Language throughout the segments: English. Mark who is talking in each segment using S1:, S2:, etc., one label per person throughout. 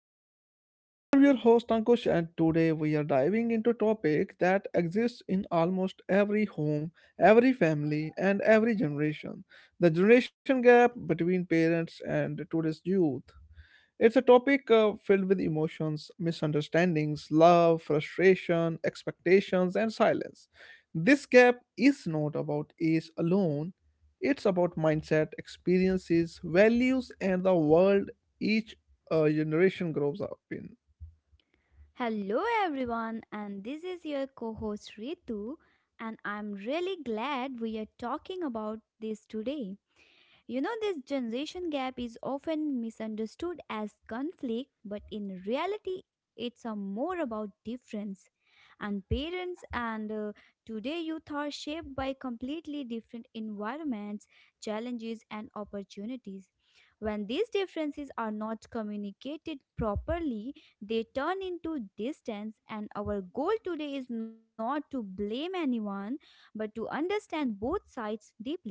S1: podcast. I'm your host Ankush, and today we are diving into a topic that exists in almost every home, every family, and every generation the generation gap between parents and today's youth. It's a topic filled with emotions, misunderstandings, love, frustration, expectations, and silence. This gap is not about age alone, it's about mindset, experiences, values, and the world each generation grows up in.
S2: Hello, everyone, and this is your co host Ritu, and I'm really glad we are talking about this today. This generation gap is often misunderstood as conflict, but in reality, it's a more about difference. And parents and today youth are shaped by completely different environments, challenges, and opportunities. When these differences are not communicated properly, they turn into distance. And our goal today is not to blame anyone, but to understand both sides deeply.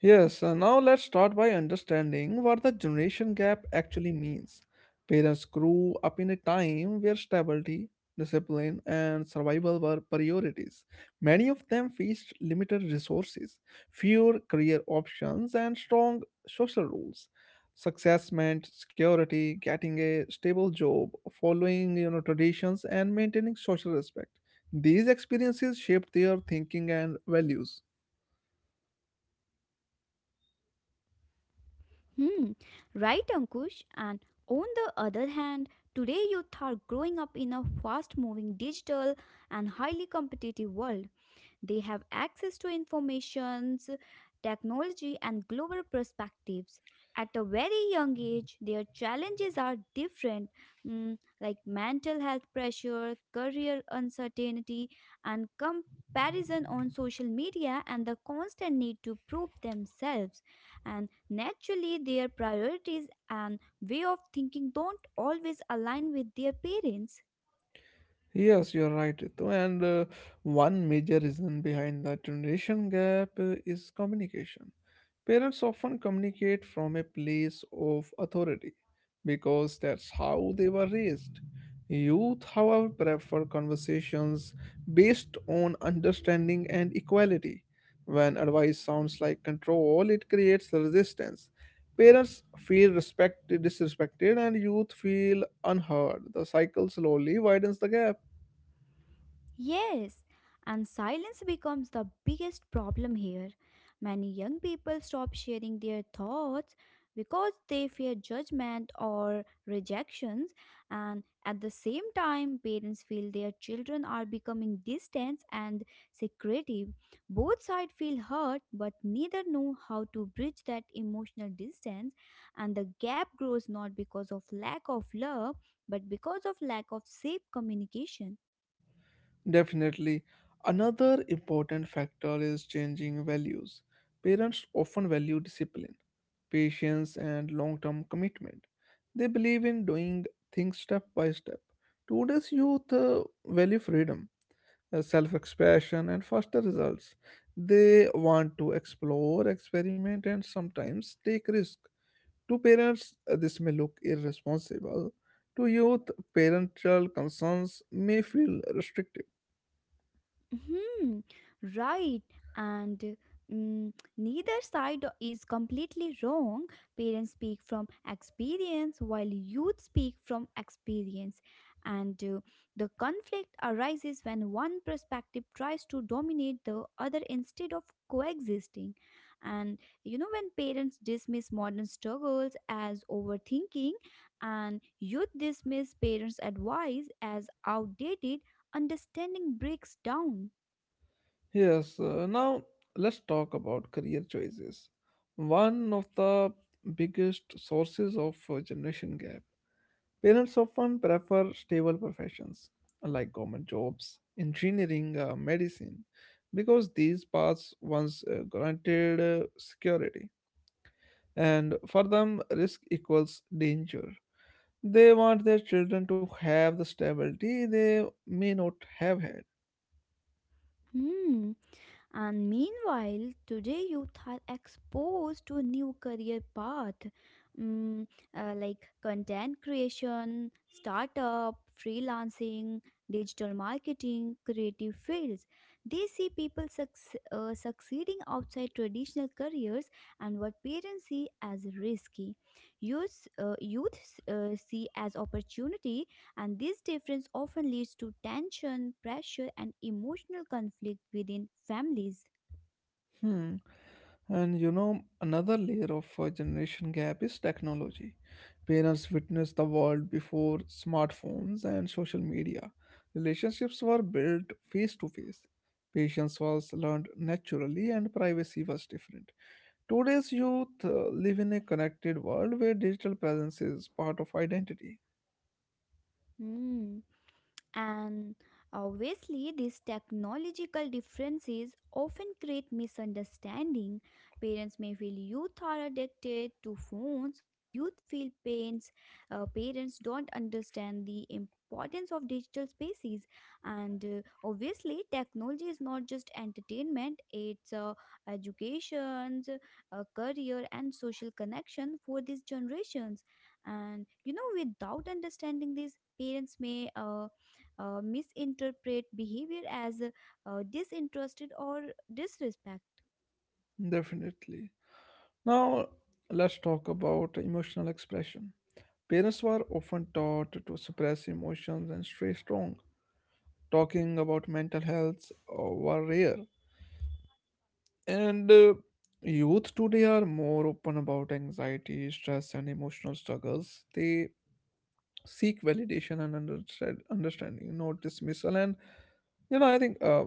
S1: Yes, now let's start by understanding what the generation gap actually means. Parents grew up in a time where stability, discipline, and survival were priorities. Many of them faced limited resources, fewer career options, and strong social rules. Success meant security, getting a stable job, following traditions, and maintaining social respect. These experiences shaped their thinking and values.
S2: Hmm, right, Ankush. And on the other hand, today youth are growing up in a fast moving digital and highly competitive world. They have access to informations, technology, and global perspectives. At a very young age, their challenges are different, like mental health pressure, career uncertainty, and comparison on social media, and the constant need to prove themselves. And naturally, their priorities and way of thinking don't always align with their parents.
S1: Yes, you're right, Ritu. And One major reason behind the generation gap is communication. Parents often communicate from a place of authority because that's how they were raised. Youth, however, prefer conversations based on understanding and equality. When advice sounds like control, it creates resistance. Parents feel respected, disrespected, and youth feel unheard. The cycle slowly widens the gap.
S2: Yes, and silence becomes the biggest problem here. Many young people stop sharing their thoughts because they fear judgment or rejections, and at the same time, parents feel their children are becoming distant and secretive. Both sides feel hurt, but neither know how to bridge that emotional distance, and the gap grows not because of lack of love but because of lack of safe communication.
S1: Definitely. Another important factor is changing values. Parents often value discipline, patience, and long term commitment. They believe in doing things step by step. Today's youth value freedom, self expression, and faster results. They want to explore, experiment, and sometimes take risk. To parents, this may look irresponsible. To youth, parental concerns may feel restrictive.
S2: Hmm, right. And mm, Neither side is completely wrong. Parents speak from experience while youth speak from experience. And The conflict arises when one perspective tries to dominate the other instead of coexisting. And when parents dismiss modern struggles as overthinking and youth dismiss parents' advice as outdated, understanding breaks down.
S1: Yes, now let's talk about career choices. One of the biggest sources of generation gap. Parents often prefer stable professions like government jobs, engineering, medicine, because these paths once granted security. And for them, risk equals danger. They want their children to have the stability they may not have had.
S2: Hmm. And meanwhile, today youth are exposed to a new career path, mm, like content creation, startup, freelancing, digital marketing, creative fields. They see people succeeding outside traditional careers and what parents see as risky. Youth see as opportunity. And this difference often leads to tension, pressure, and emotional conflict within families.
S1: Hmm. And you know, another layer of generation gap is technology. Parents witnessed the world before smartphones and social media. Relationships were built face to face. Patience was learned naturally, and privacy was different. Today's youth live in a connected world where digital presence is part of identity.
S2: Hmm. And obviously, these technological differences often create misunderstanding. Parents may feel youth are addicted to phones, while youth feel pains. Parents don't understand the importance of digital spaces. And obviously, technology is not just entertainment; it's educations, career, and social connection for these generations. And without understanding this, parents may misinterpret behavior as disinterested or disrespect.
S1: Definitely. Now, let's talk about emotional expression. Parents were often taught to suppress emotions and stay strong. Talking about mental health were rare. And Youth today are more open about anxiety, stress, and emotional struggles. They seek validation and understanding, not dismissal. And you know, I think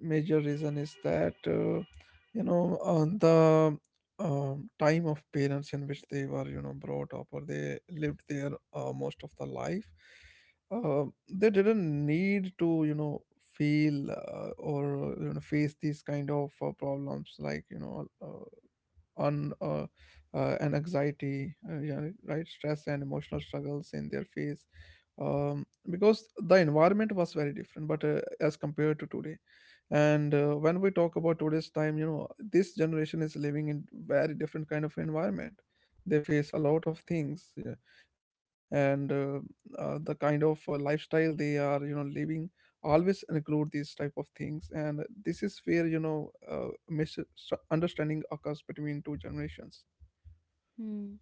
S1: major reason is that you know on the time of parents in which they were you know brought up or they lived their most of the life, uh, they didn't need to you know feel or you know face these kind of problems like you know. On and anxiety, yeah, right, stress and emotional struggles in their face, because the environment was very different, but as compared to today, and when we talk about today's time, you know, this generation is living in very different kind of environment. They face a lot of things, yeah, and the kind of lifestyle they are, you know, living always include these type of things, and this is where misunderstanding occurs between two generations.
S2: Hmm.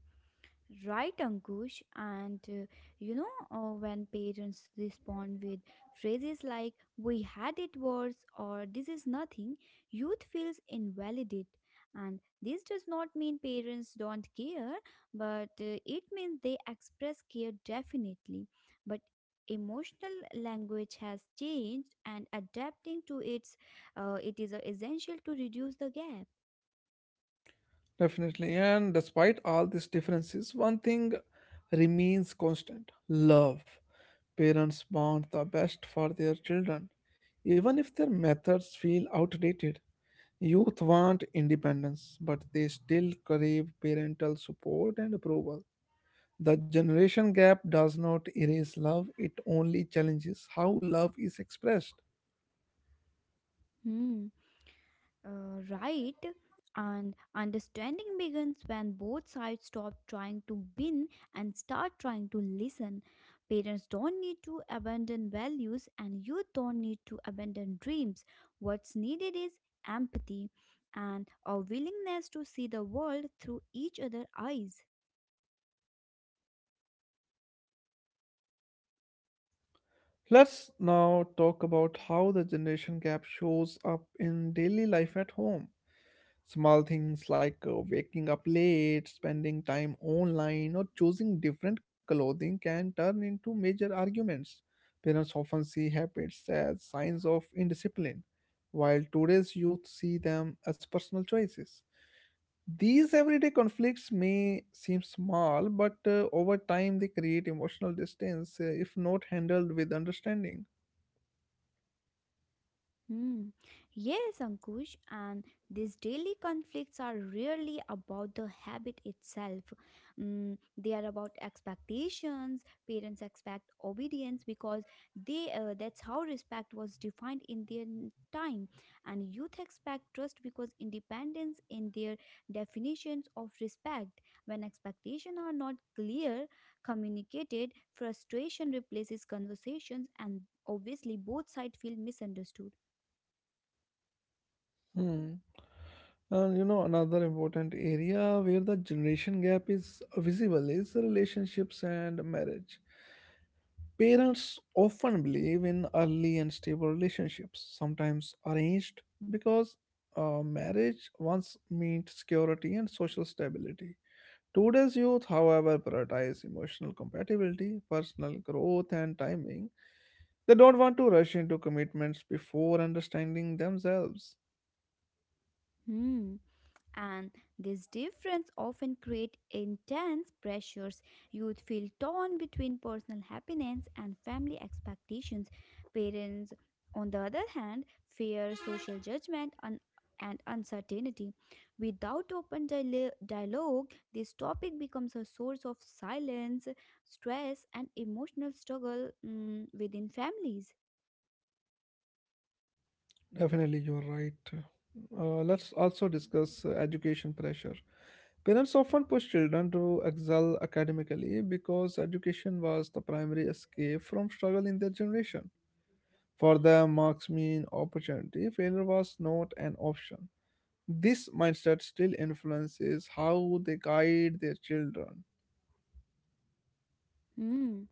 S2: Right, Ankush. And when parents respond with phrases like, we had it worse or this is nothing, youth feels invalidate. And this does not mean parents don't care, but it means they express care definitely. But emotional language has changed and adapting to its it is essential to reduce the gap.
S1: Definitely, and despite all these differences one thing remains constant: love. Parents want the best for their children even if their methods feel outdated. Youth want independence, but they still crave parental support and approval. The generation gap does not erase love, it only challenges how love is expressed.
S2: Hmm. Right, and understanding begins when both sides stop trying to win and start trying to listen. Parents don't need to abandon values, and you don't need to abandon dreams. What's needed is empathy and a willingness to see the world through each other's eyes.
S1: Let's now talk about how the generation gap shows up in daily life at home. Small things like waking up late, spending time online, or choosing different clothing can turn into major arguments. Parents often see habits as signs of indiscipline, while today's youth see them as personal choices. These everyday conflicts may seem small, but over time they create emotional distance if not handled with understanding.
S2: Hmm. Yes, Ankush, and these daily conflicts are really about the habit itself. Mm, they are about expectations. Parents expect obedience because they that's how respect was defined in their time, and youth expect trust because independence in their definitions of respect. When expectations are not clear, communicated, frustration replaces conversations, and obviously both sides feel misunderstood.
S1: Hmm. And you know, another important area where the generation gap is visible is relationships and marriage. Parents often believe in early and stable relationships, sometimes arranged, because marriage once meant security and social stability. Today's youth, however, prioritize emotional compatibility, personal growth, and timing. They don't want to rush into commitments before understanding themselves.
S2: Hmm. And this difference often create intense pressures. Youth feel torn between personal happiness and family expectations. Parents, on the other hand, fear social judgment and uncertainty. Without open dialogue, this topic becomes a source of silence, stress, and emotional struggle, within families.
S1: Definitely, you're right. Let's also discuss education pressure. Parents often push children to excel academically because education was the primary escape from struggle in their generation. For them, marks mean opportunity, failure was not an option. This mindset still influences how they guide their children.
S2: Hmm.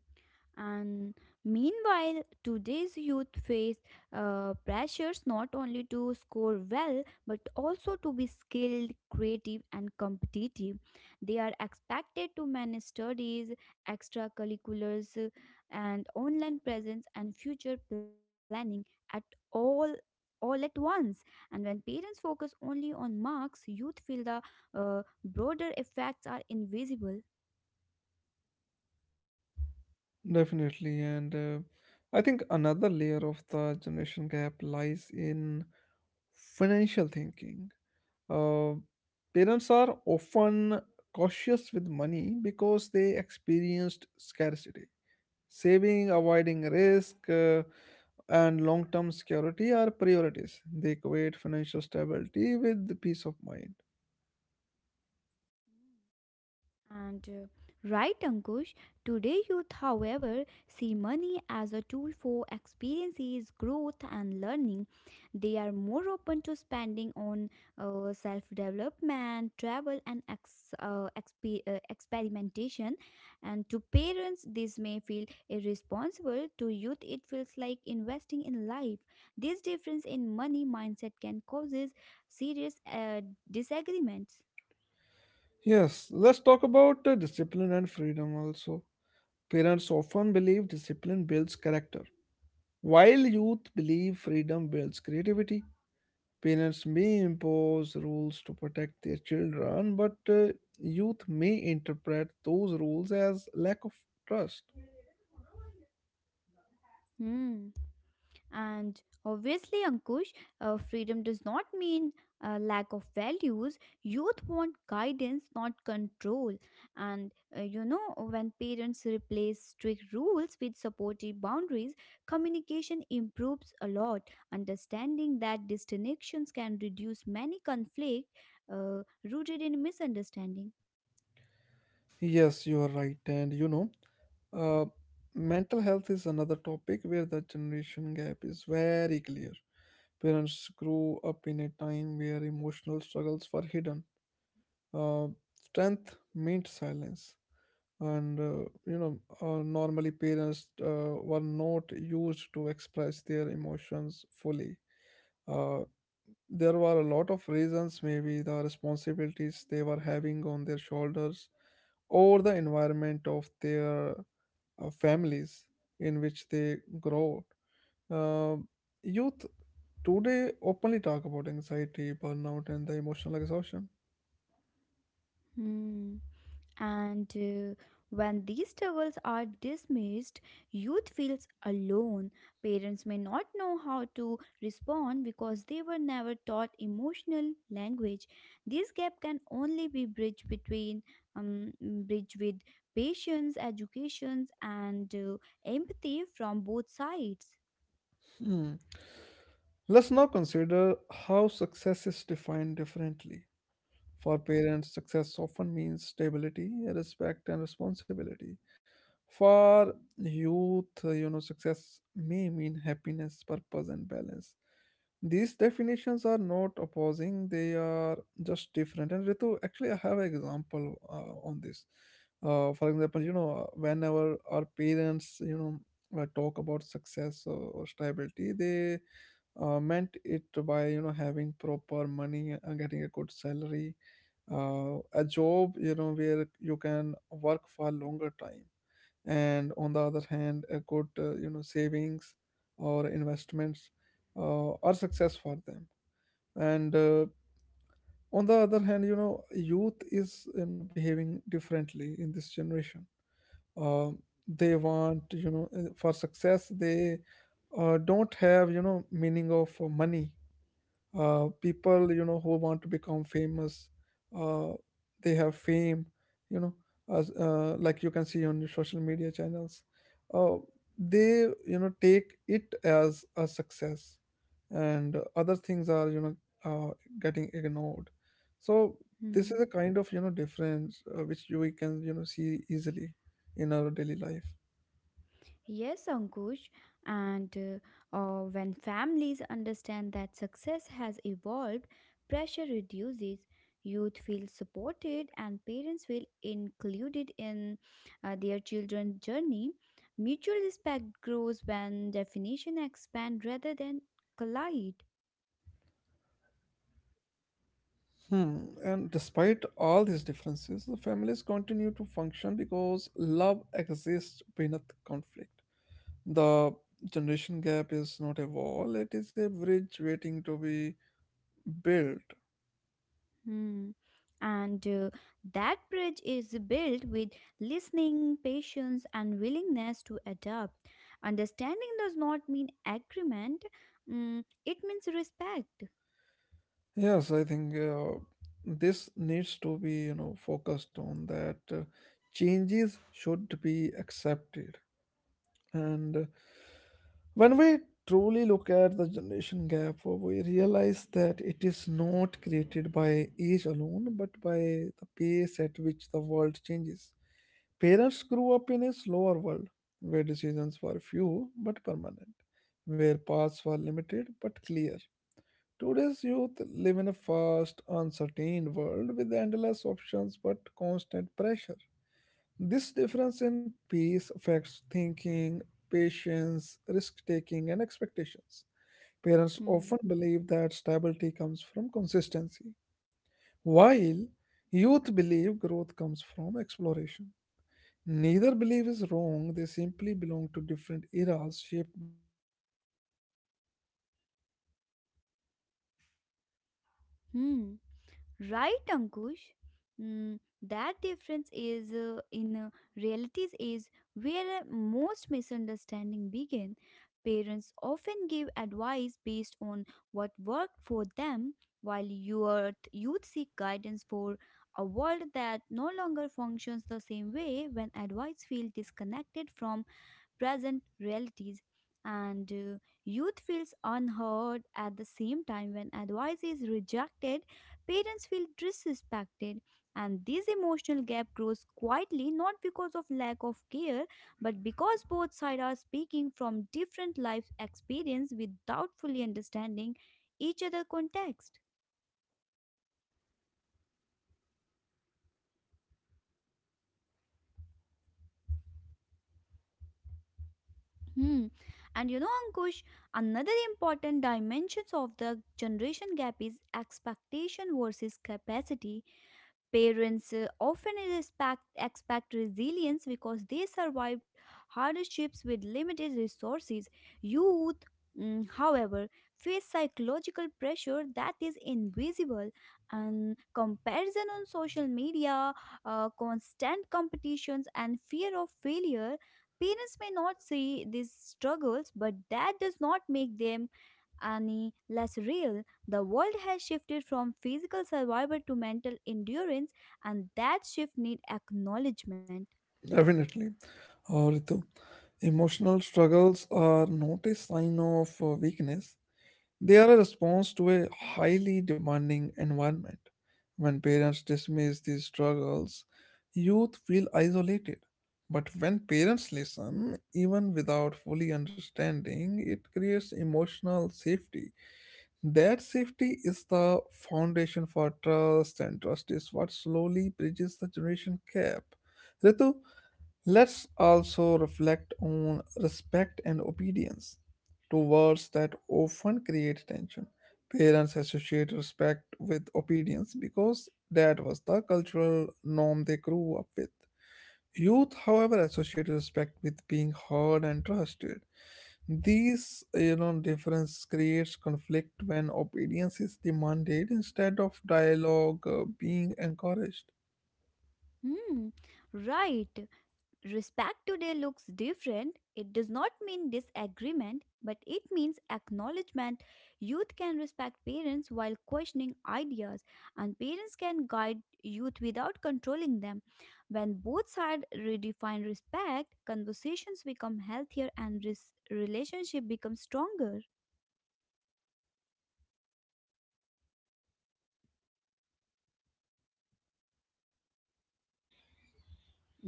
S2: And meanwhile, today's youth face pressures not only to score well but also to be skilled, creative, and competitive. They are expected to manage studies, extracurriculars, and online presence and future planning at all all at once. And when parents focus only on marks, youth feel the broader effects are invisible.
S1: Definitely, and I think another layer of the generation gap lies in financial thinking. Uh, Parents are often cautious with money because they experienced scarcity. Saving, avoiding risk, and long term security are priorities. They equate financial stability with peace of mind.
S2: And right, Ankush, today youth, however, see money as a tool for experiences, growth, and learning. They are more open to spending on self development, travel, and experimentation. And to parents, this may feel irresponsible. To youth, it feels like investing in life. This difference in money mindset can causes serious disagreements.
S1: Yes, let's talk about discipline and freedom also. Parents often believe discipline builds character. While youth believe freedom builds creativity, parents may impose rules to protect their children, but youth may interpret those rules as lack of trust.
S2: Hmm. And obviously, Ankush, freedom does not mean lack of values. Youth want guidance, not control. And when parents replace strict rules with supportive boundaries, communication improves a lot. Understanding that disconnections can reduce many conflict rooted in misunderstanding.
S1: Yes, you are right. Uh, Mental health is another topic where the generation gap is very clear. Parents grew up in a time where emotional struggles were hidden. Uh, Strength meant silence. And You know, normally parents were not used to express their emotions fully. uh, there were a lot of reasons, maybe the responsibilities they were having on their shoulders, or the environment of their families in which they grow. uh, Youth today openly talk about anxiety, burnout, and the emotional exhaustion.
S2: Hmm. And when these struggles are dismissed, youth feels alone. Parents may not know how to respond because they were never taught emotional language. This gap can only be bridged between bridge with patience, educations, and empathy from both sides.
S1: Hmm. Let's now consider how success is defined differently. For parents, success often means stability, respect, and responsibility. For youth, you know, success may mean happiness, purpose, and balance. These definitions are not opposing, they are just different. And Ritu, actually, I have an example on this. For example, you know, whenever our parents, you know, talk about success or stability, they meant it by you know having proper money and getting a good salary, a job you know where you can work for longer time, and on the other hand a good you know savings or investments are success for them. And On the other hand, you know, youth is you know behaving differently in this generation. Um, they want you know for success they don't have you know meaning of money. People you know who want to become famous, uh, they have fame, you know, as like you can see on your social media channels, uh, they you know take it as a success, and other things are you know uh, getting ignored. So this
S2: Hmm.
S1: is a kind of you know difference which you we can you know see easily in our daily life.
S2: Yes, Ankush, and when families understand that success has evolved, pressure reduces, youth feel supported, and parents feel included in their children's journey. Mutual respect grows when definition expand rather than collide.
S1: Hmm. And despite all these differences, the families continue to function because love exists beneath conflict. The generation gap is not a wall, it is a bridge waiting to be built.
S2: Hmm. And that bridge is built with listening, patience, and willingness to adapt. Understanding does not mean agreement, it means respect.
S1: Yes, I think this needs to be, you know, focused on that changes should be accepted. And When we truly look at the generation gap, we realize that it is not created by age alone, but by the pace at which the world changes. Parents grew up in a slower world where decisions were few but permanent, where paths were limited but clear. Today's youth live in a fast, uncertain world with endless options but constant pressure. This difference in pace affects thinking, patience, risk taking, and expectations. Parents often
S2: Hmm.
S1: believe that stability comes from consistency, while youth believe growth comes from exploration. Neither belief is wrong, they simply belong to different eras shaped by different realities.
S2: Hmm. Right, Ankush? Mm, that difference is in realities is where most misunderstanding begin. Parents often give advice based on what worked for them, while youth seek guidance for a world that no longer functions the same way. When advice feels disconnected from present realities and youth feels unheard at the same time, when advice is rejected parents feel disrespected, and this emotional gap grows quietly not because of lack of care but because both sides are speaking from different life experience without fully understanding each other context. Hmm. And you know, Ankush, another important dimensions of the generation gap is expectation versus capacity. Parents often expect resilience because they survived hardships with limited resources. Youth, however, face psychological pressure that is invisible, and comparison on social media, constant competitions, and fear of failure. Parents may not see these struggles, but that does not make them any less real. The world has shifted from physical survival to mental endurance, and that shift needs acknowledgement.
S1: Definitely. Ritu, emotional struggles are not a sign of weakness, they are a response to a highly demanding environment. When parents dismiss these struggles, youth feel isolated. But when parents listen, even without fully understanding, it creates emotional safety. That safety is the foundation for trust, and trust is what slowly bridges the generation gap. Ritu, let's also reflect on respect and obedience, two words that often create tension. Parents associate respect with obedience because that was the cultural norm they grew up with. Youth, however, associate respect with being heard and trusted. These, you know, difference creates conflict when obedience is demanded instead of dialogue being encouraged.
S2: Hmm, right. Respect today looks different. It does not mean disagreement, but it means acknowledgement. Youth can respect parents while questioning ideas, and parents can guide youth without controlling them. When both sides redefine respect, conversations become healthier and relationship becomes stronger.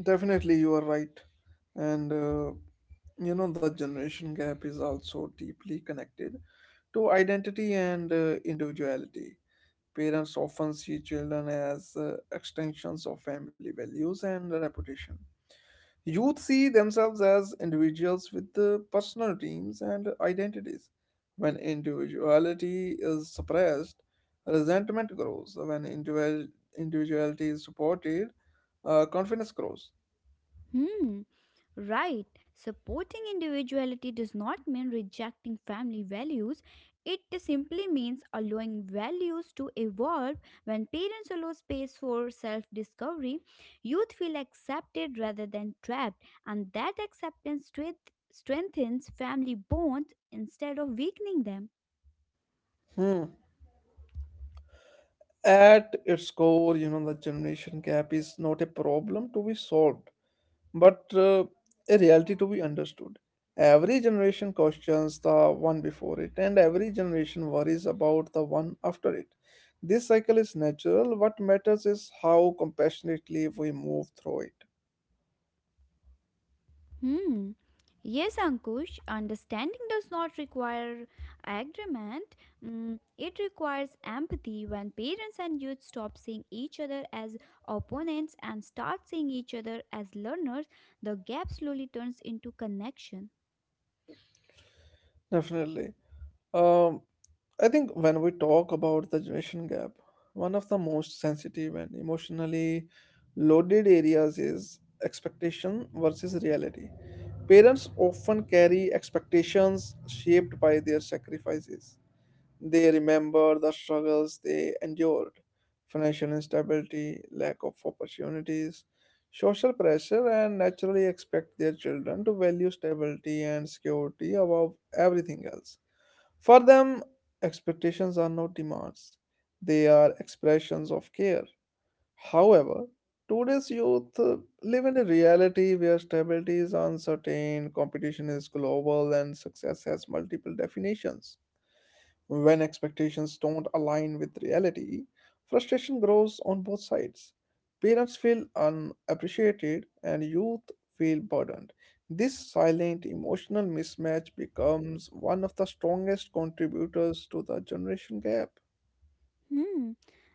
S1: Definitely, you are right. And You know, the generation gap is also deeply connected to identity and individuality. Parents often see children as extensions of family values and reputation. Youth see themselves as individuals with personal dreams and identities. When individuality is suppressed, resentment grows. When individuality is supported, confidence grows.
S2: Hmm, right. Supporting individuality does not mean rejecting family values. It simply means allowing values to evolve. When parents allow space for self discovery, youth feel accepted rather than trapped, and that acceptance strengthens family bonds instead of weakening them.
S1: Hmm. At its core, you know, the generation gap is not a problem to be solved, but a reality to be understood. Every generation questions the one before it, and every generation worries about the one after it. This cycle is natural. What matters is how compassionately we move through it.
S2: Hmm. Yes, Ankush, understanding does not require agreement. Mm, it requires empathy. When parents and youth stop seeing each other as opponents and start seeing each other as learners, the gap slowly turns into connection.
S1: Definitely. Um, I think when we talk about the generation gap, one of the most sensitive and emotionally loaded areas is expectation versus reality. Parents often carry expectations shaped by their sacrifices. They remember the struggles they endured financial instability, lack of opportunities, social pressure, and naturally expect their children to value stability and security above everything else. For them, expectations are not demands, they are expressions of care. However, today's youth live in a reality where stability is uncertain, competition is global, and success has multiple definitions. When expectations don't align with reality, frustration grows on both sides. Parents feel unappreciated and youth feel burdened. This silent emotional mismatch becomes one of the strongest contributors to the generation gap.
S2: Hmm.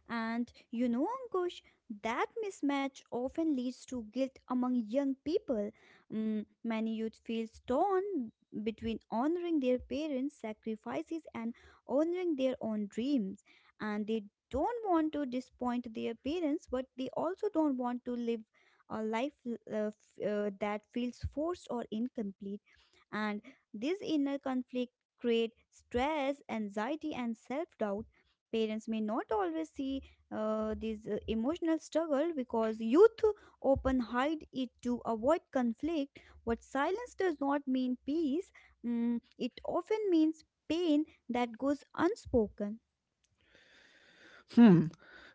S2: And you know, Ankush, that mismatch often leads to guilt among young people. Mm, many youth feel torn between honoring their parents' sacrifices and honoring their own dreams. And they don't want to disappoint their parents, but they also don't want to live a life that feels forced or incomplete. And this inner conflict creates stress, anxiety, and self doubt. Parents may not always see this emotional struggle because youth often hide it to avoid conflict. What silence does not mean peace, it often means pain that goes unspoken.
S1: Hmm.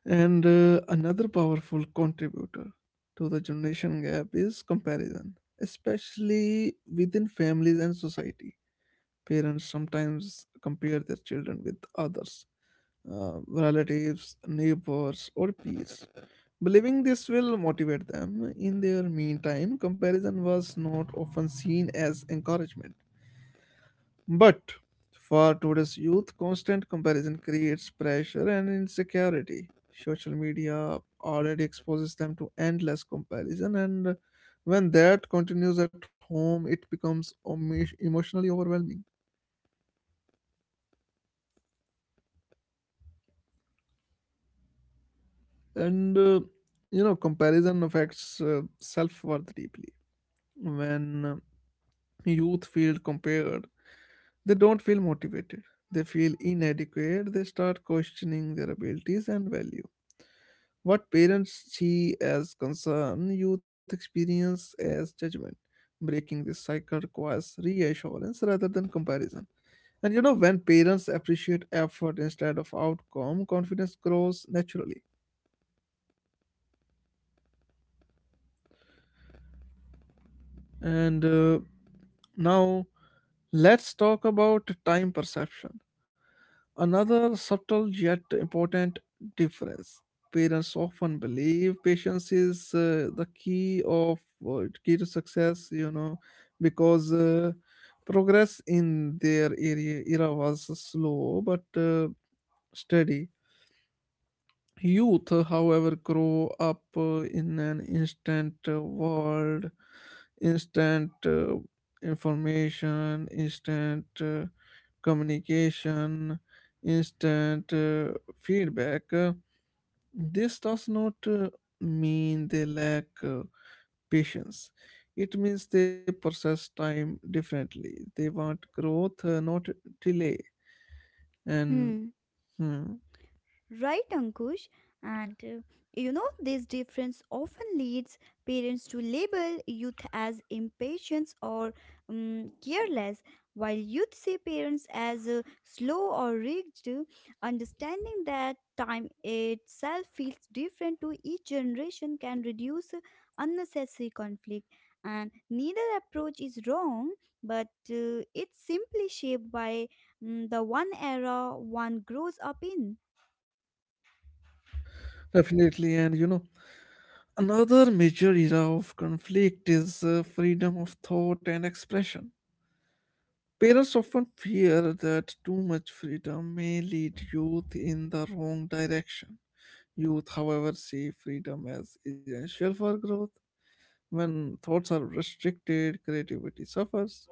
S1: And Another powerful contributor to the generation gap is comparison, especially within families and society. Parents sometimes compare their children with others relatives, neighbors, or peers. Believing this will motivate them. In their meantime, comparison was not often seen as encouragement. But for today's youth, constant comparison creates pressure and insecurity. Social media already exposes them to endless comparison, and when that continues at home, it becomes emotionally overwhelming. And You know, comparison affects self worth deeply when youth feel compared, they don't feel motivated. They feel inadequate. They start questioning their abilities and value. What parents see as concern, youth experience as judgment. Breaking this cycle requires reassurance rather than comparison. And you know, when parents appreciate effort instead of outcome, confidence grows naturally. And uh, now, let's talk about time perception. Another subtle yet important difference. Parents often believe patience is the key of key to success, you know, because progress in their area era was slow but steady. Youth, however, grow up in an instant world, instant information, instant communication, instant feedback. This does not mean they lack patience. It means they process time differently. They want growth, not delay. And
S2: Hmm.
S1: hmm,
S2: Right, Ankush? And this difference often leads parents to label youth as impatient or careless, while youth see parents as slow or rigid. Understanding that time itself feels different to each generation can reduce unnecessary conflict. And neither approach is wrong, but it's simply shaped by the one era one grows up in.
S1: definitely, and you know, another major era of conflict is freedom of thought and expression. Parents often fear that too much freedom may lead youth in the wrong direction. Youth, however, see freedom as essential for growth. When thoughts are restricted, creativity suffers.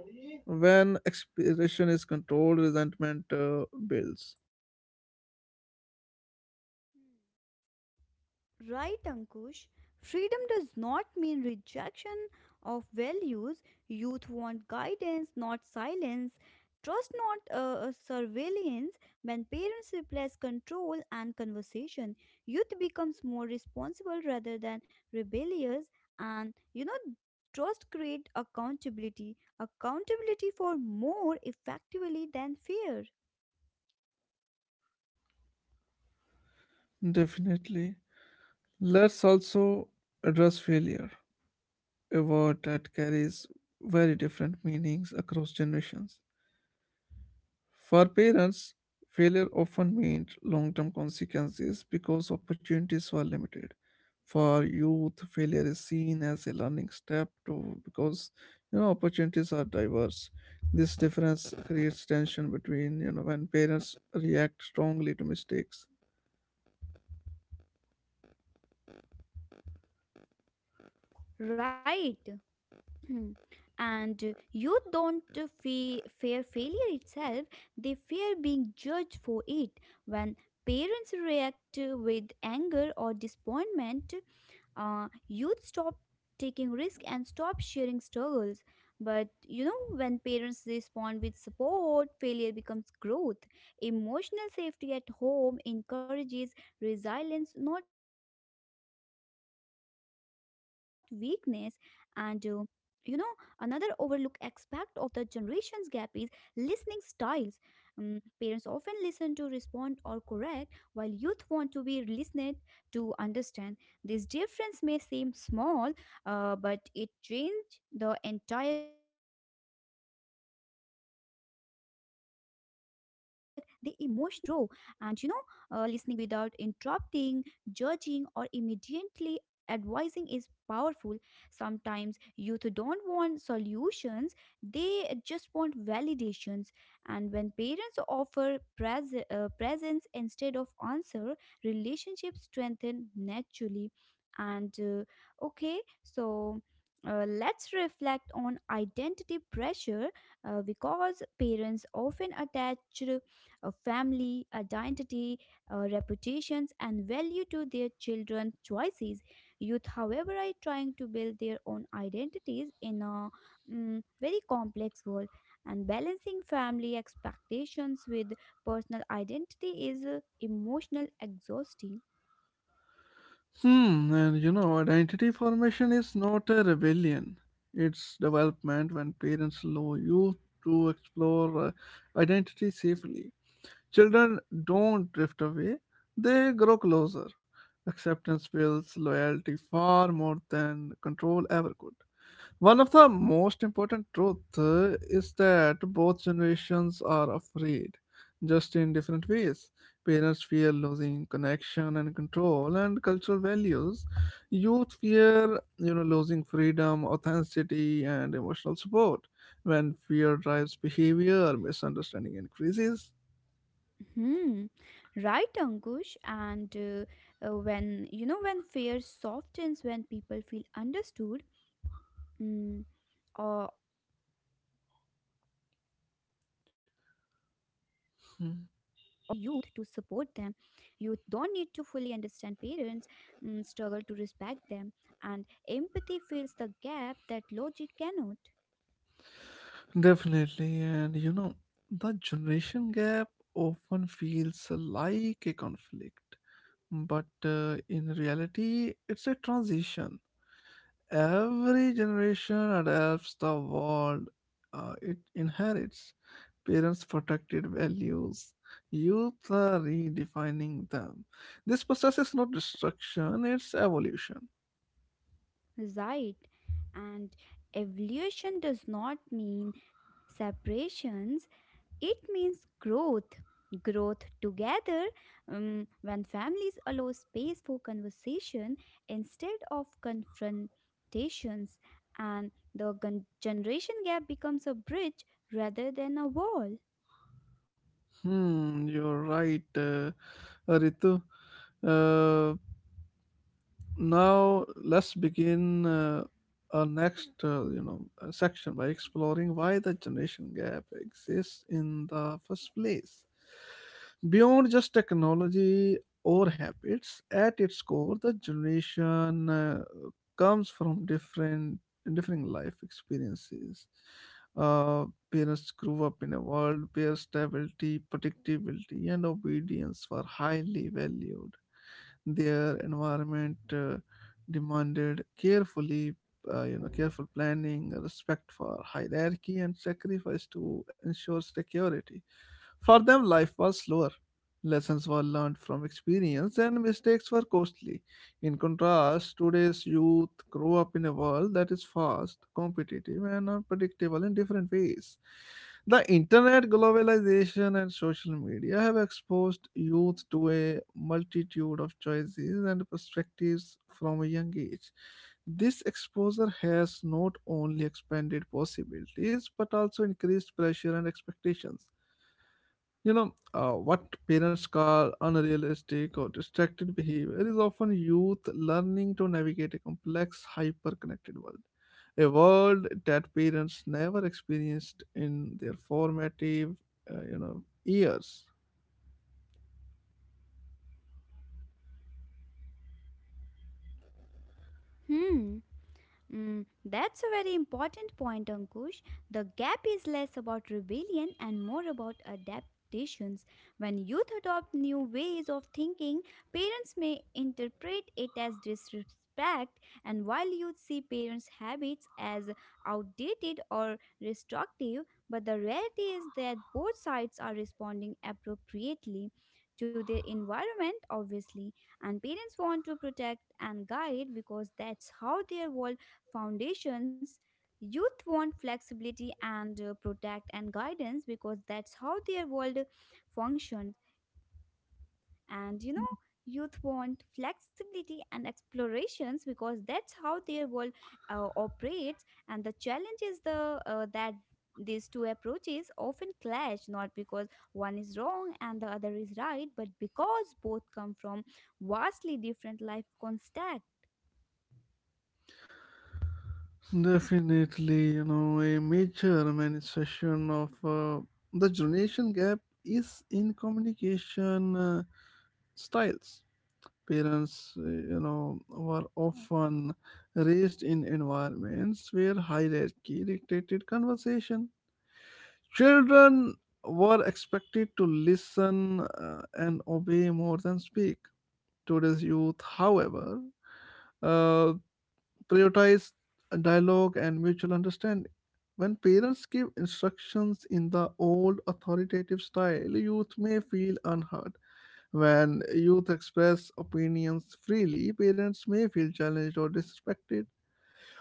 S1: When expression is controlled, resentment builds.
S2: Right, Ankush. Freedom does not mean rejection of values. Youth want guidance, not silence. Trust, not surveillance. When parents replace control and conversation, youth becomes more responsible rather than rebellious. And you know, trust create accountability. Accountability for more effectively than fear.
S1: Definitely. Let's also address failure. A word that carries very different meanings across generations. For parents, failure often meant long term consequences because opportunities were limited. For youth, failure is seen as a learning step to because you know opportunities are diverse. This difference creates tension between you know when parents react strongly to mistakes.
S2: Right. Hmm. And you don't fear failure itself. They fear being judged for it. When parents react with anger or disappointment, youth stop taking risk and stop sharing struggles. But you know, when parents respond with support, failure becomes growth. Emotional safety at home encourages resilience not weakness. And you know, another overlooked aspect of the generations gap is listening styles. Mm, parents often listen to respond or correct, while youth want to be listened to understand. This difference may seem small, but it changed the entire they emotionally withdraw and listening without interrupting judging or immediately advising is powerful. Sometimes youth don't want solutions, they just want validations. And when parents offer presence instead of answer, relationships strengthen naturally. And okay so Let's reflect on identity pressure, because parents often attach a family identity, reputations, and value to their children's choices. Youth, however, are trying to build their own identities in a very complex world, and balancing family expectations with personal identity is emotional exhausting.
S1: Hmm, and you know, identity formation is not a rebellion. It's development when parents allow you to explore identity safely. Children don't drift away, they grow closer. Acceptance builds loyalty far more than control ever could. One of the most important truths is that both generations are afraid, just in different ways. Parents fear losing connection and control and cultural values. Youth fear, you know, losing freedom, authenticity, and emotional support. When fear drives behavior, misunderstanding increases.
S2: Hmm. Right, Ankush. And when you know when fear softens, when people feel understood, mm, or with youth
S1: Hmm.
S2: to support them. Youth don't need to fully understand parents, struggle to respect them, and empathy fills the gap that logic cannot.
S1: Definitely, and you know, the generation gap often feels like a conflict. But In reality, it's a transition. Every generation adapts the world it inherits. Parents protected values, youth are redefining them.
S2: Hmm,
S1: This process is not destruction, it's evolution.
S2: right. And evolution does not mean separation. It means growth. Growth together. When families allow space for conversation instead of confrontations, and the generation gap becomes a bridge rather than a wall.
S1: Hmm, you're right, Ritu. Uh, now let's begin our next section by exploring why the generation gap exists in the first place beyond just technology or habits at its core the generation comes from different differing life experiences. uh, Parents grew up in a world where stability predictability and obedience were highly valued. Their environment demanded carefully, you know, careful planning, respect for hierarchy, and sacrifice to ensure security. For them, life was slower. Lessons were learned from experience, and mistakes were costly. In contrast, today's youth grow up in a world that is fast, competitive, and unpredictable in different ways. The internet, globalization, and social media have exposed youth to a multitude of choices and perspectives from a young age. This exposure has not only expanded possibilities but also increased pressure and expectations. You know, what parents call unrealistic or distracted behavior is often youth learning to navigate a complex, hyper connected world. A world that parents never experienced in their formative, you know, years.
S2: Hmm. Mm, that's a very important point, Ankush. The gap is less about rebellion and more about adaptations. When youth adopt new ways of thinking, parents may interpret it as disrespect, and while youth see parents' habits as outdated or restrictive, but the reality is that both sides are responding appropriately to their environment obviously. And parents want to protect and guide because that's how their world foundations, youth want flexibility and protect and guidance because that's how their world functions. And you know, youth want flexibility and explorations because that's how their world operates. And the challenge is the that these two approaches often clash not because one is wrong and the other is right, but because both come from vastly different life contexts.
S1: Definitely, you know, a major manifestation of the generation gap is in communication styles. Parents you know were often raised in environments where hierarchy dictated conversation. Children were expected to listen and obey more than speak. Today's youth however uh, prioritize dialogue and mutual understanding. When parents give instructions in the old authoritative style, youth may feel unheard. When youth express opinions freely, parents may feel challenged or disrespected.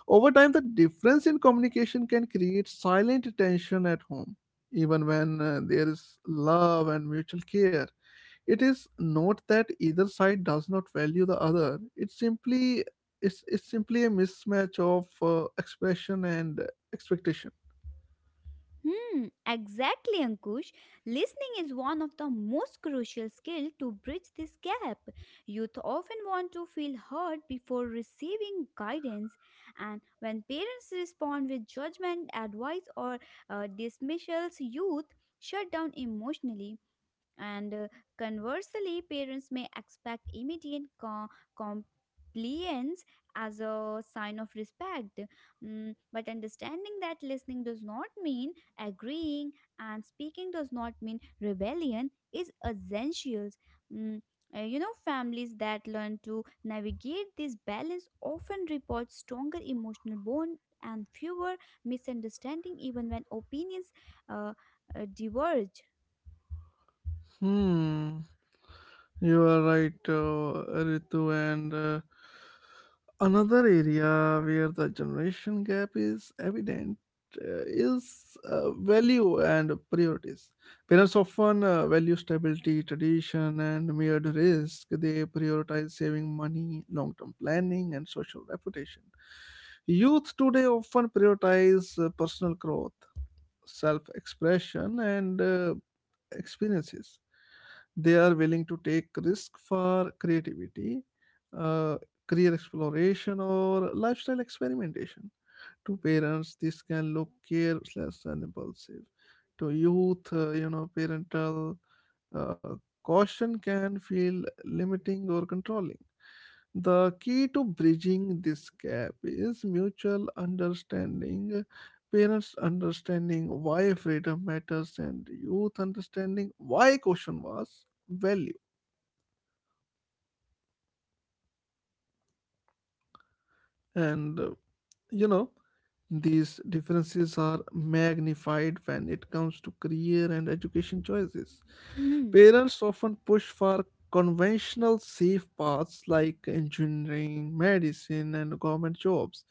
S1: Over time, the difference in communication can create silent tension at home, even when there is love and mutual care. It is not that either side does not value the other. It's simply a mismatch of expression and expectation.
S2: Hmm, exactly, Ankush. Listening is one of the most crucial skills to bridge this gap. Youth often want to feel heard before receiving guidance, and when parents respond with judgment, advice, or dismissals, youth shut down emotionally. And conversely, parents may expect immediate compliance as a sign of respect. Mm, but understanding that listening does not mean agreeing, and speaking does not mean rebellion, is essential. Mm, Families that learn to navigate this balance often report stronger emotional bond and fewer misunderstanding, even when opinions uh, diverge.
S1: Hmm. You are right, Ritu, and another area where the generation gap is evident is value and priorities. Parents often value stability, tradition, and mirrored risk. They prioritize saving money, long term planning, and social reputation. Youth today often prioritize personal growth, self expression and experiences. They are willing to take risk for creativity, uh, career exploration, or lifestyle experimentation. To parents this can look careless and impulsive. To youth you know parental uh, caution can feel limiting or controlling. The key to bridging this gap is mutual understanding, parents understanding why freedom matters, and youth understanding why caution was valued. And You know, these differences are magnified when it comes to career and education choices.
S2: Hmm.
S1: Parents often push for conventional safe paths like engineering, medicine, and government jobs.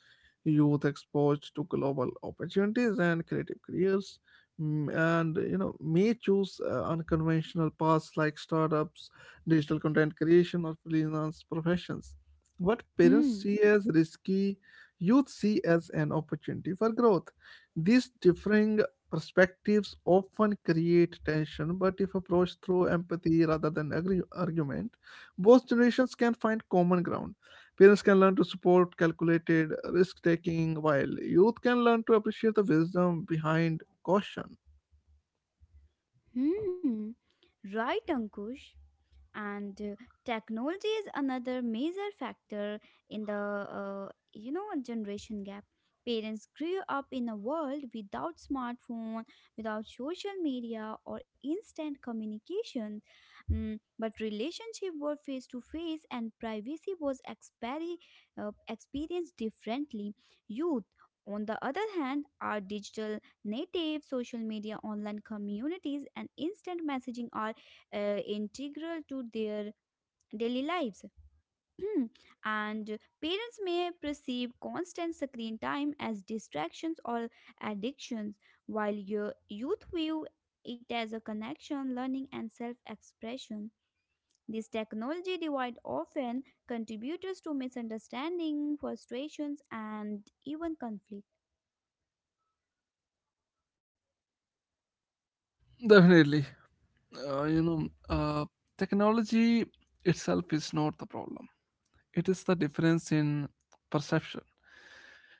S1: Youth exposed to global opportunities and creative careers, mm, and you know, may choose unconventional paths like startups, digital content creation, or freelance professions. What parents
S2: Hmm.
S1: see as risky, youth see as an opportunity for growth. These differing perspectives often create tension, but if approached through empathy rather than argument, both generations can find common ground. Parents can learn to support calculated risk taking, while youth can learn to appreciate the wisdom behind caution.
S2: Hmm. Right, Ankush. And Technology is another major factor in the generation gap. Parents grew up in a world without smartphone, without social media or instant communication. Mm, but relationship were face to face and privacy was experienced differently. Youth on the other hand are digital native. Social media, online communities and instant messaging are integral to their daily lives. Hmm. And parents may perceive constant screen time as distractions or addictions, while your youth view it as a connection, learning, and self expression. This technology divide often contributes to misunderstanding, frustrations, and even conflict.
S1: Definitely. uh, you know, uh, Technology itself is not the problem. It is the difference in perception.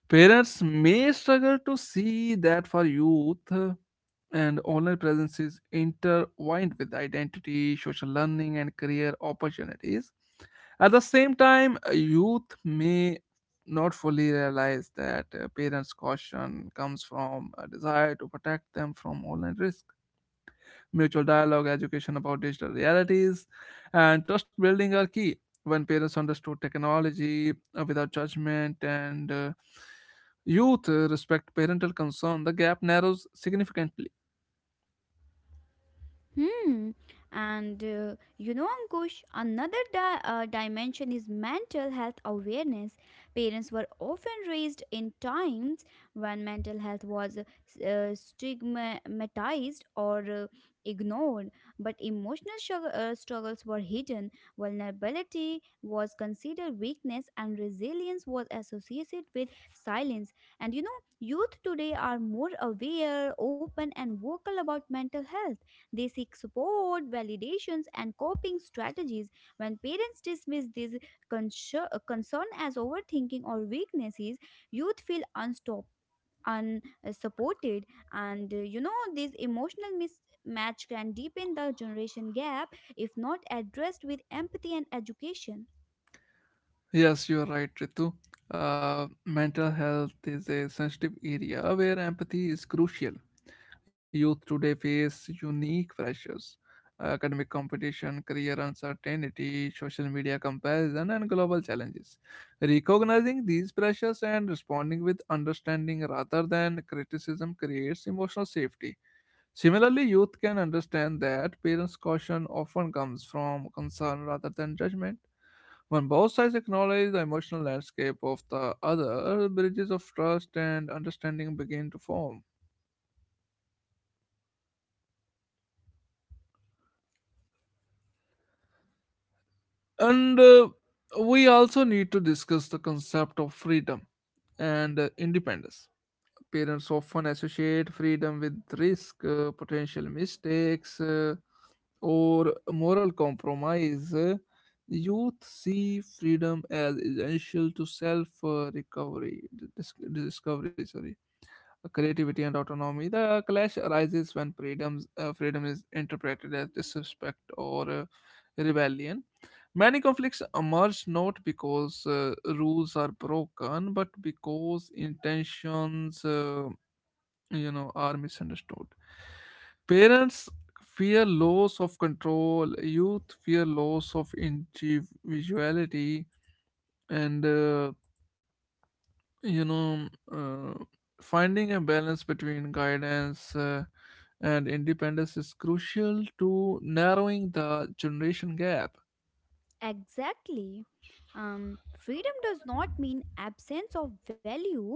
S1: Parents may struggle to see that for youth, and online presence is intertwined with identity, social learning, and career opportunities. At the same time, youth may not fully realize that parents' caution comes from a desire to protect them from online risk. Mutual dialogue, education about digital realities, and trust building are key. When parents understood technology without judgment and youth respect parental concern, the gap narrows significantly.
S2: Hmm. And Ankush, another dimension is mental health awareness. Parents were often raised in times when mental health was stigmatized or ignored, but emotional struggles were hidden. Vulnerability was considered weakness, and resilience was associated with silence. And you know, youth today are more aware, open, and vocal about mental health. They seek support, validations, and coping strategies. When parents dismiss this concern as overthinking or weaknesses, youth feel unstopped. Unsupported, and this emotional mismatch can deepen the generation gap if not addressed with empathy and education.
S1: Yes, you are right, Ritu. Mental health is a sensitive area where empathy is crucial. Youth today face unique pressures academic competition, career uncertainty, social media comparison, and global challenges. Recognizing these pressures and responding with understanding rather than criticism creates emotional safety. Similarly, youth can understand that parents' caution often comes from concern rather than judgment. When both sides acknowledge the emotional landscape of the other, bridges of trust and understanding begin to form. And We also need to discuss the concept of freedom and independence. Parents often associate freedom with risk, potential mistakes, or moral compromise. Youth see freedom as essential to self discovery. Sorry, creativity and autonomy. The clash arises when freedom is interpreted as disrespect or rebellion. Many conflicts emerge not because rules are broken, but because intentions, you know, are misunderstood. Parents fear loss of control. Youth fear loss of individuality, and you know uh, finding a balance between guidance and independence is crucial to narrowing the generation gap.
S2: Exactly. Freedom does not mean absence of value,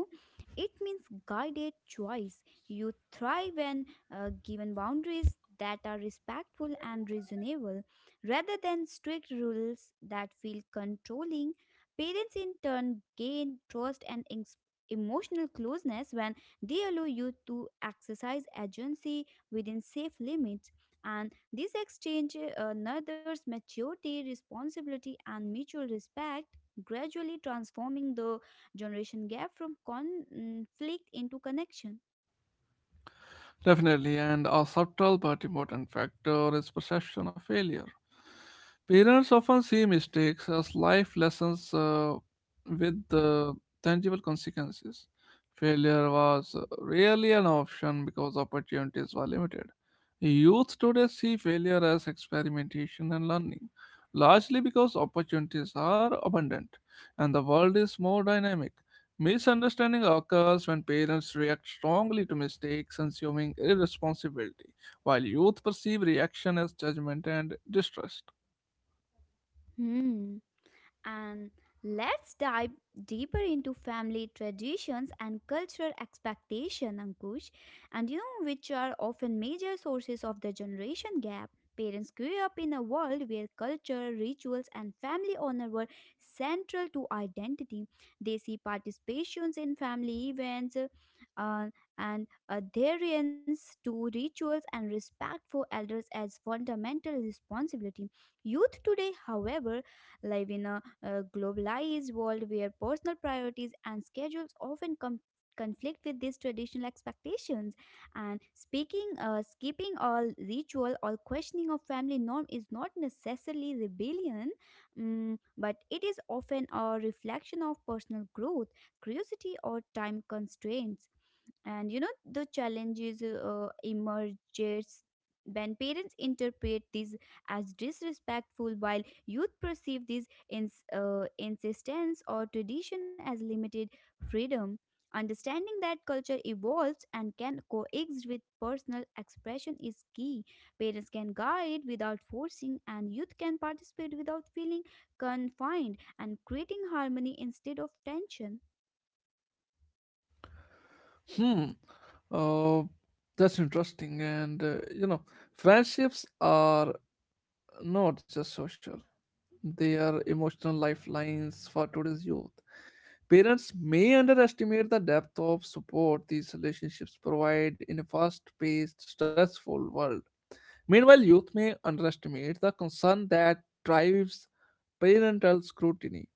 S2: it means guided choice. You thrive when given boundaries that are respectful and reasonable rather than strict rules that feel controlling. Parents, in turn, gain trust and emotional closeness when they allow you to exercise agency within safe limits. And this exchange nurtures maturity, responsibility, and mutual respect, gradually transforming the generation gap from conflict into connection.
S1: Definitely, and a subtle but important factor is perception of failure. Parents often see mistakes as life lessons with tangible consequences. Failure was rarely an option because opportunities were limited. Youth today see failure as experimentation and learning, largely because opportunities are abundant and the world is more dynamic. Misunderstanding occurs when parents react strongly to mistakes, assuming irresponsibility, while youth perceive reaction as judgment and distrust.
S2: Hmm. And let's dive deeper into family traditions and cultural expectation, Ankush. And you know, which are often major sources of the generation gap. Parents grew up in a world where culture, rituals, and family honor were central to identity. They see participations in family events uh, and adherence to rituals and respect for elders as fundamental responsibility. Youth today, however, live in a globalized world where personal priorities and schedules often conflict with these traditional expectations. And speaking skipping all ritual or questioning of family norm is not necessarily rebellion, but it is often a reflection of personal growth, curiosity or time constraints. And you know the challenges emerges when parents interpret this as disrespectful, while youth perceive this insistence or tradition as limited freedom. Understanding that culture evolves and can coexist with personal expression is key. Parents can guide without forcing and youth can participate without feeling confined, and creating harmony instead of tension.
S1: Hmm. Uh, that's interesting. And You know, friendships are not just social; they are emotional lifelines for today's youth. Parents may underestimate the depth of support these relationships provide in a fast-paced, stressful world. Meanwhile, youth may underestimate the concern that drives parental scrutiny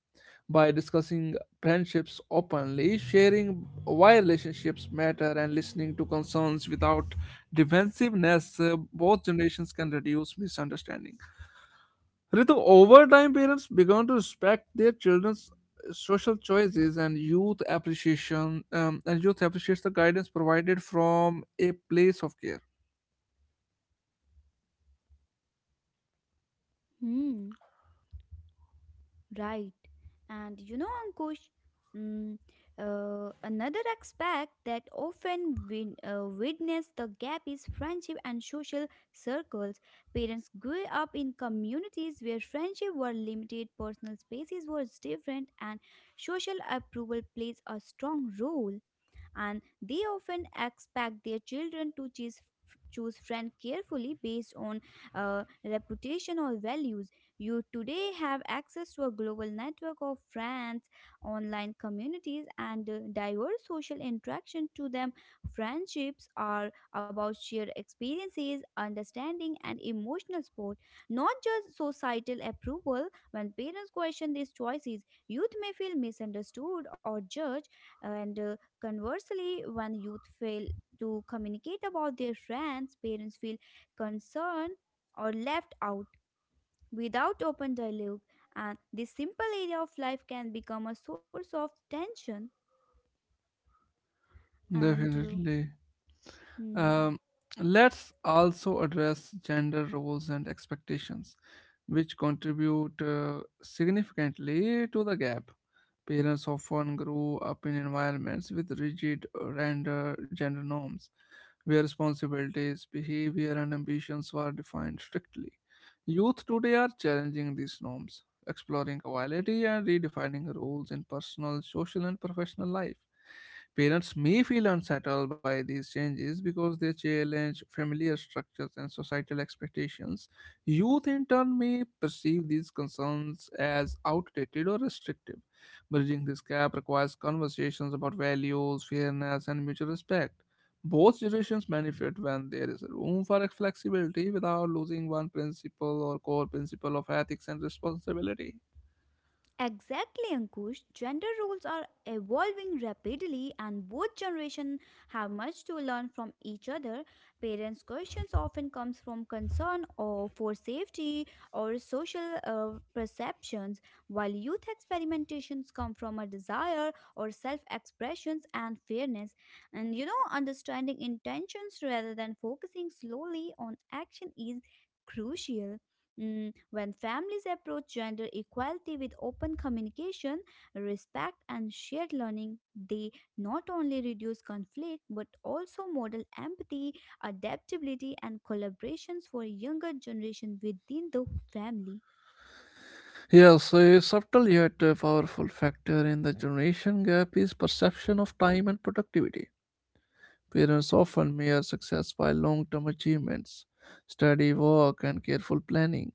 S1: by discussing friendships openly, sharing why relationships matter, and listening to concerns without defensiveness. Both generations can reduce misunderstanding. Ritu, over time, parents began to respect their children's social choices and youth appreciation, and youth appreciates the guidance provided from a place of care.
S2: Hmm. Right. And you know, Ankush, mm, another aspect that often witness the gap is friendship and social circles. Parents grew up in communities where friendship were limited, personal spaces were different, and social approval plays a strong role. And they often expect their children to choose friend carefully based on uh, reputation or values. You today have access to a global network of friends, online communities and diverse social interaction. To them friendships are about shared experiences, understanding and emotional support, not just societal approval. When parents question these choices youth may feel misunderstood or judged. And conversely, when youth fail to communicate about their friends, parents feel concerned or left out without open dialogue, and this simple area of life can become a source of tension. And
S1: Definitely.
S2: Hmm.
S1: Um, let's also address gender roles and expectations, which contribute significantly to the gap. Parents often grew up in environments with rigid gender norms, where responsibilities, behavior, and ambitions were defined strictly. Youth today are challenging these norms, exploring vitality and redefining roles in personal, social, and professional life. Parents may feel unsettled by these changes because they challenge familiar structures and societal expectations. Youth, in turn, may perceive these concerns as outdated or restrictive. Bridging this gap requires conversations about values, fairness, and mutual respect. Both generations benefit when there is room for flexibility without losing one principle or core principle of ethics and responsibility.
S2: Exactly, Ankush. Gender roles are evolving rapidly, and both generations have much to learn from each other. Parents' questions often comes from concern or for safety or social perceptions, while youth experimentations come from a desire or self-expressions and fairness. And you know, understanding intentions rather than focusing slowly on action is crucial. Mm, when families approach gender equality with open communication, respect, and shared learning, they not only reduce conflict but also model empathy, adaptability, and collaborations for younger generation within the family.
S1: Yes, a subtle yet powerful factor in the generation gap is perception of time and productivity. Parents often measure success by long term achievements, study, work, and careful planning.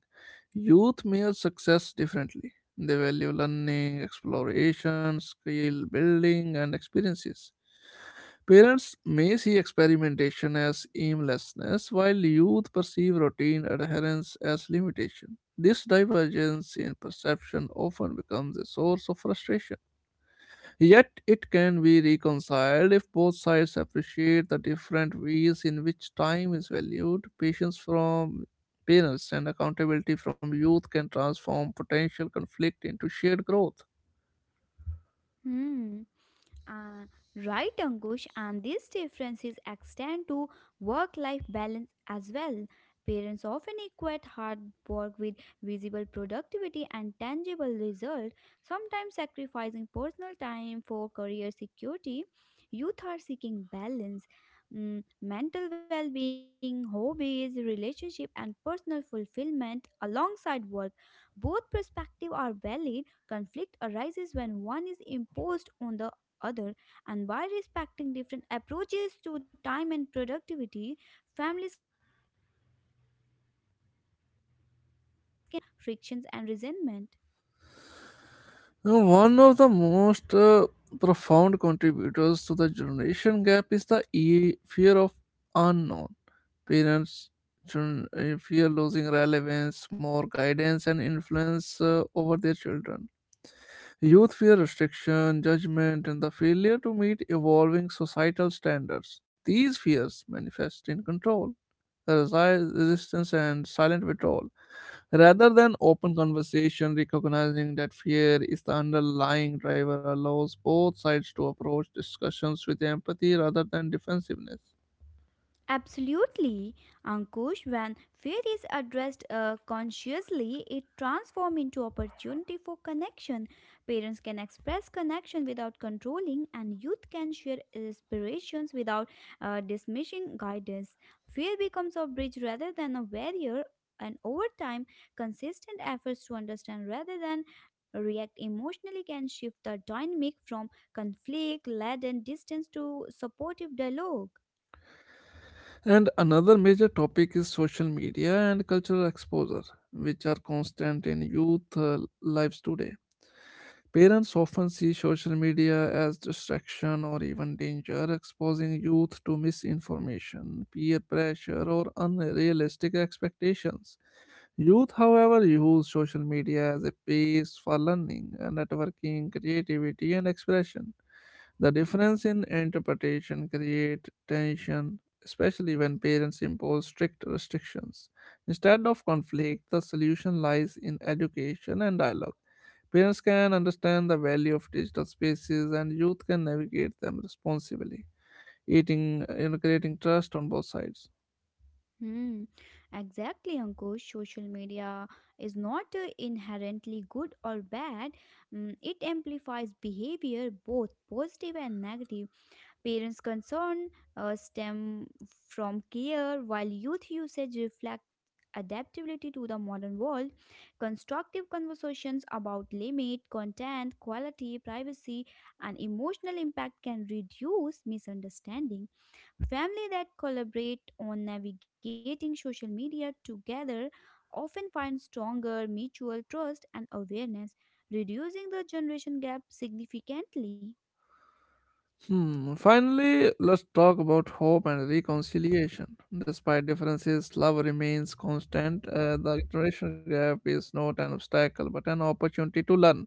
S1: Youth measure success differently. They value learning, exploration, skill building, and experiences. Parents may see experimentation as aimlessness, while youth perceive routine adherence as limitation. This divergence in perception often becomes a source of frustration. Yet it can be reconciled if both sides appreciate the different ways in which time is valued. Patience from parents and accountability from youth can transform potential conflict into shared growth.
S2: Hmm. Uh, right, Ankush, and these differences extend to work life balance as well. Parents often equate hard work with visible productivity and tangible result, sometimes sacrificing personal time for career security. Youth are seeking balance, mental well being, hobbies, relationship, and personal fulfillment alongside work. Both perspectives are valid. Conflict arises when one is imposed on the other, and by respecting different approaches to time and productivity, families can support each other's life philosophies while minimizing frictions and resentment.
S1: Now, one of the most profound contributors to the generation gap is the fear of unknown. Parents fear losing relevance, more guidance, and influence over their children. Youth fear restriction, judgment, and the failure to meet evolving societal standards. These fears manifest in control, resistance, and silent withdrawal. Rather than open conversation, recognizing that fear is the underlying driver allows both sides to approach discussions with empathy rather than defensiveness.
S2: Absolutely, Ankush. When fear is addressed consciously, it transforms into opportunity for connection. Parents can express connection without controlling, and youth can share inspirations without dismissing guidance. Fear becomes a bridge rather than a barrier. And over time, consistent efforts to understand rather than react emotionally can shift the dynamic from conflict laden distance to supportive dialogue.
S1: And another major topic is social media and cultural exposure, which are constant in youth lives today. Parents often see social media as distraction or even danger, exposing youth to misinformation, peer pressure, or unrealistic expectations. Youth, however, use social media as a base for learning, networking, creativity, and expression. The difference in interpretation creates tension, especially when parents impose strict restrictions. Instead of conflict, the solution lies in education and dialogue. Parents can understand the value of digital spaces and youth can navigate them responsibly, eating, creating trust on both sides.
S2: Hmm, exactly, Ankush. Social media is not inherently good or bad. Mm, it amplifies behavior, both positive and negative. Parents' concern stem from care, while youth usage reflects adaptability to the modern world. Constructive conversations about limit, content, quality, privacy, and emotional impact can reduce misunderstanding. Family that collaborate on navigating social media together often find stronger mutual trust and awareness, reducing the generation gap significantly.
S1: Hmm. Finally, let's talk about hope and reconciliation. Despite differences, love remains constant. The generation gap is not an obstacle but an opportunity to learn.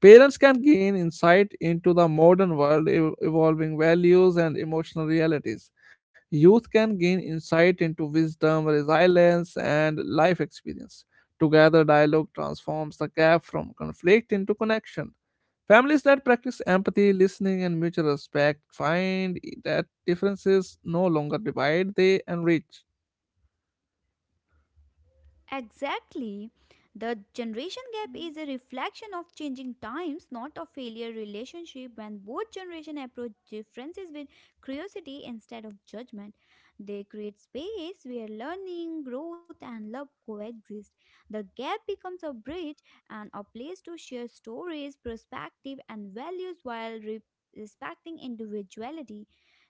S1: Parents can gain insight into the modern world, evolving values, and emotional realities. Youth can gain insight into wisdom, resilience, and life experience. Together, dialogue transforms the gap from conflict into connection. Families that practice empathy, listening, and mutual respect find that differences no longer divide, they enrich.
S2: Exactly. The generation gap is a reflection of changing times, not a failure relationship when both generation approach differences with curiosity instead of judgment. They create space where learning, growth and love coexist. The gap becomes a bridge and a place to share stories, perspective and values while respecting individuality.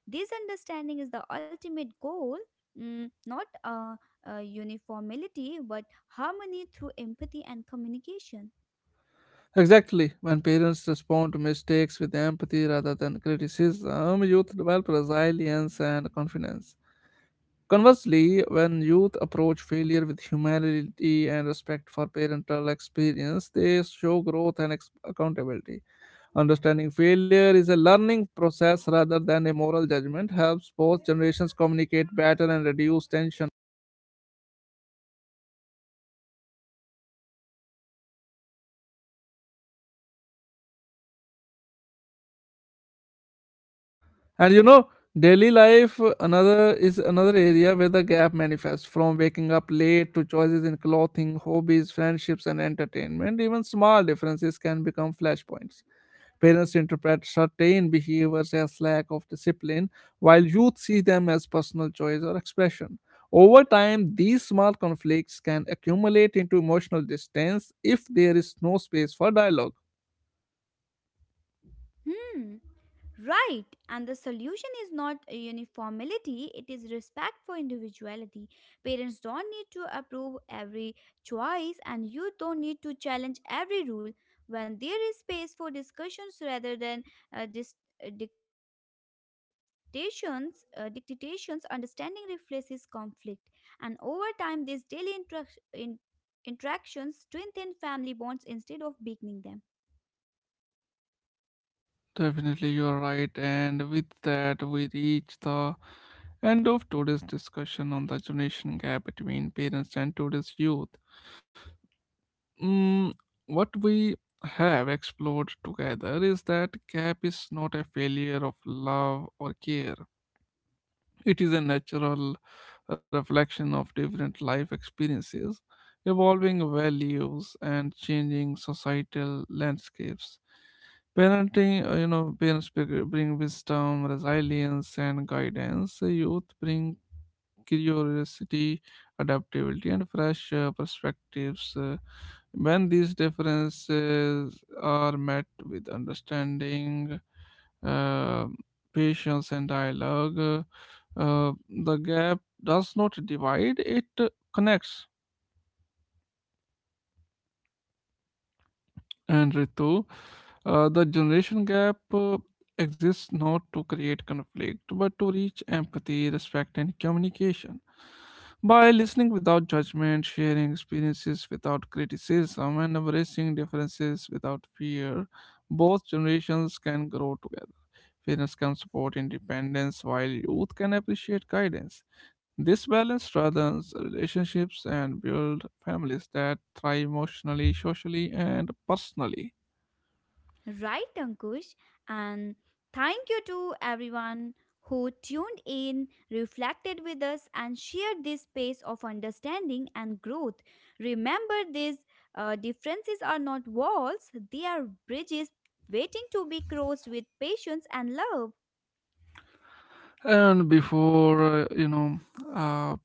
S2: This understanding is the ultimate goal, not a uniformity but harmony through empathy and communication.
S1: Exactly. When parents respond to mistakes with empathy rather than criticism, youth develop resilience and confidence. Conversely, when youth approach failure with humility and respect for parental experience, they show growth and accountability. Understanding failure is a learning process rather than a moral judgment helps both generations communicate better and reduce tension. And you know, daily life another is another area where the gap manifests from waking up late to choices in clothing, hobbies, friendships, and entertainment. Even small differences can become flashpoints. Parents interpret certain behaviors as lack of discipline, while youth see them as personal choice or expression. Over time, these small conflicts can accumulate into emotional distance if there is no space for dialogue.
S2: Hmm. Right, and the solution is not a uniformity, it is respect for individuality. Parents don't need to approve every choice, and you don't need to challenge every rule. When there is space for discussions rather than uh, dis- dictations, understanding replaces conflict. And over time, these daily interactions strengthen family bonds instead of weakening them.
S1: Definitely, you're right. And with that, we reach the end of today's discussion on the generation gap between parents and today's youth. Mm, what we have explored together is that gap is not a failure of love or care, it is a natural reflection of different life experiences, evolving values, and changing societal landscapes. Parenting, parents bring wisdom, resilience, and guidance. Youth bring curiosity, adaptability, and fresh perspectives. When these differences are met with understanding, uh, patience and dialogue. The gap does not divide, it connects. And Ritu, the generation gap exists not to create conflict, but to reach empathy, respect, and communication. By listening without judgment, sharing experiences without criticism, and embracing differences without fear, both generations can grow together. Parents can support independence while youth can appreciate guidance. This balance strengthens relationships and build families that thrive emotionally, socially, and personally.
S2: Right, Ankush. And thank you to everyone who tuned in, reflected with us, and shared this space of understanding and growth. Remember, these differences are not walls, they are bridges waiting to be crossed with patience and love.
S1: And before uh,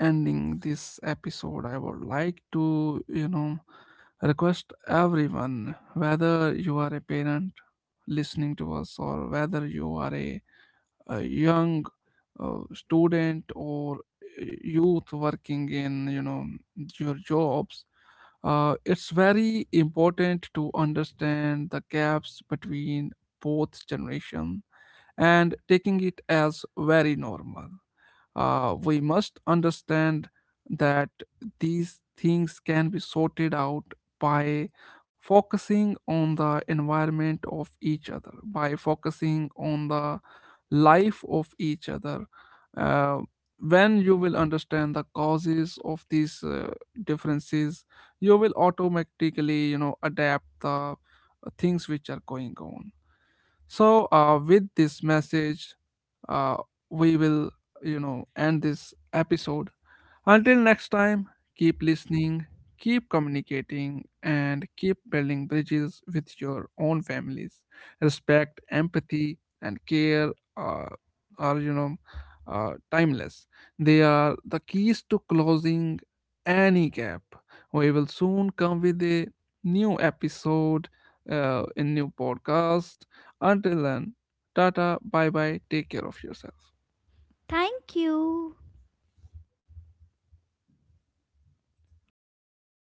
S1: ending this episode, I would like to request everyone, whether you are a parent listening to us or whether you are a young student or youth working in your jobs, it's very important to understand the gaps between both generation and taking it as very normal. We must understand that these things can be sorted out by focusing on the environment of each other, by focusing on the life of each other. Uh, when you will understand the causes of these differences, you will automatically adapt the things which are going on. So with this message, uh, we will end this episode. Until next time, keep listening, keep communicating, and keep building bridges with your own families. Respect, empathy, and care are, are timeless. They are the keys to closing any gap. We will soon come with a new episode, in new podcast. Until then, Tata, bye bye, take care of yourself.
S2: Thank you.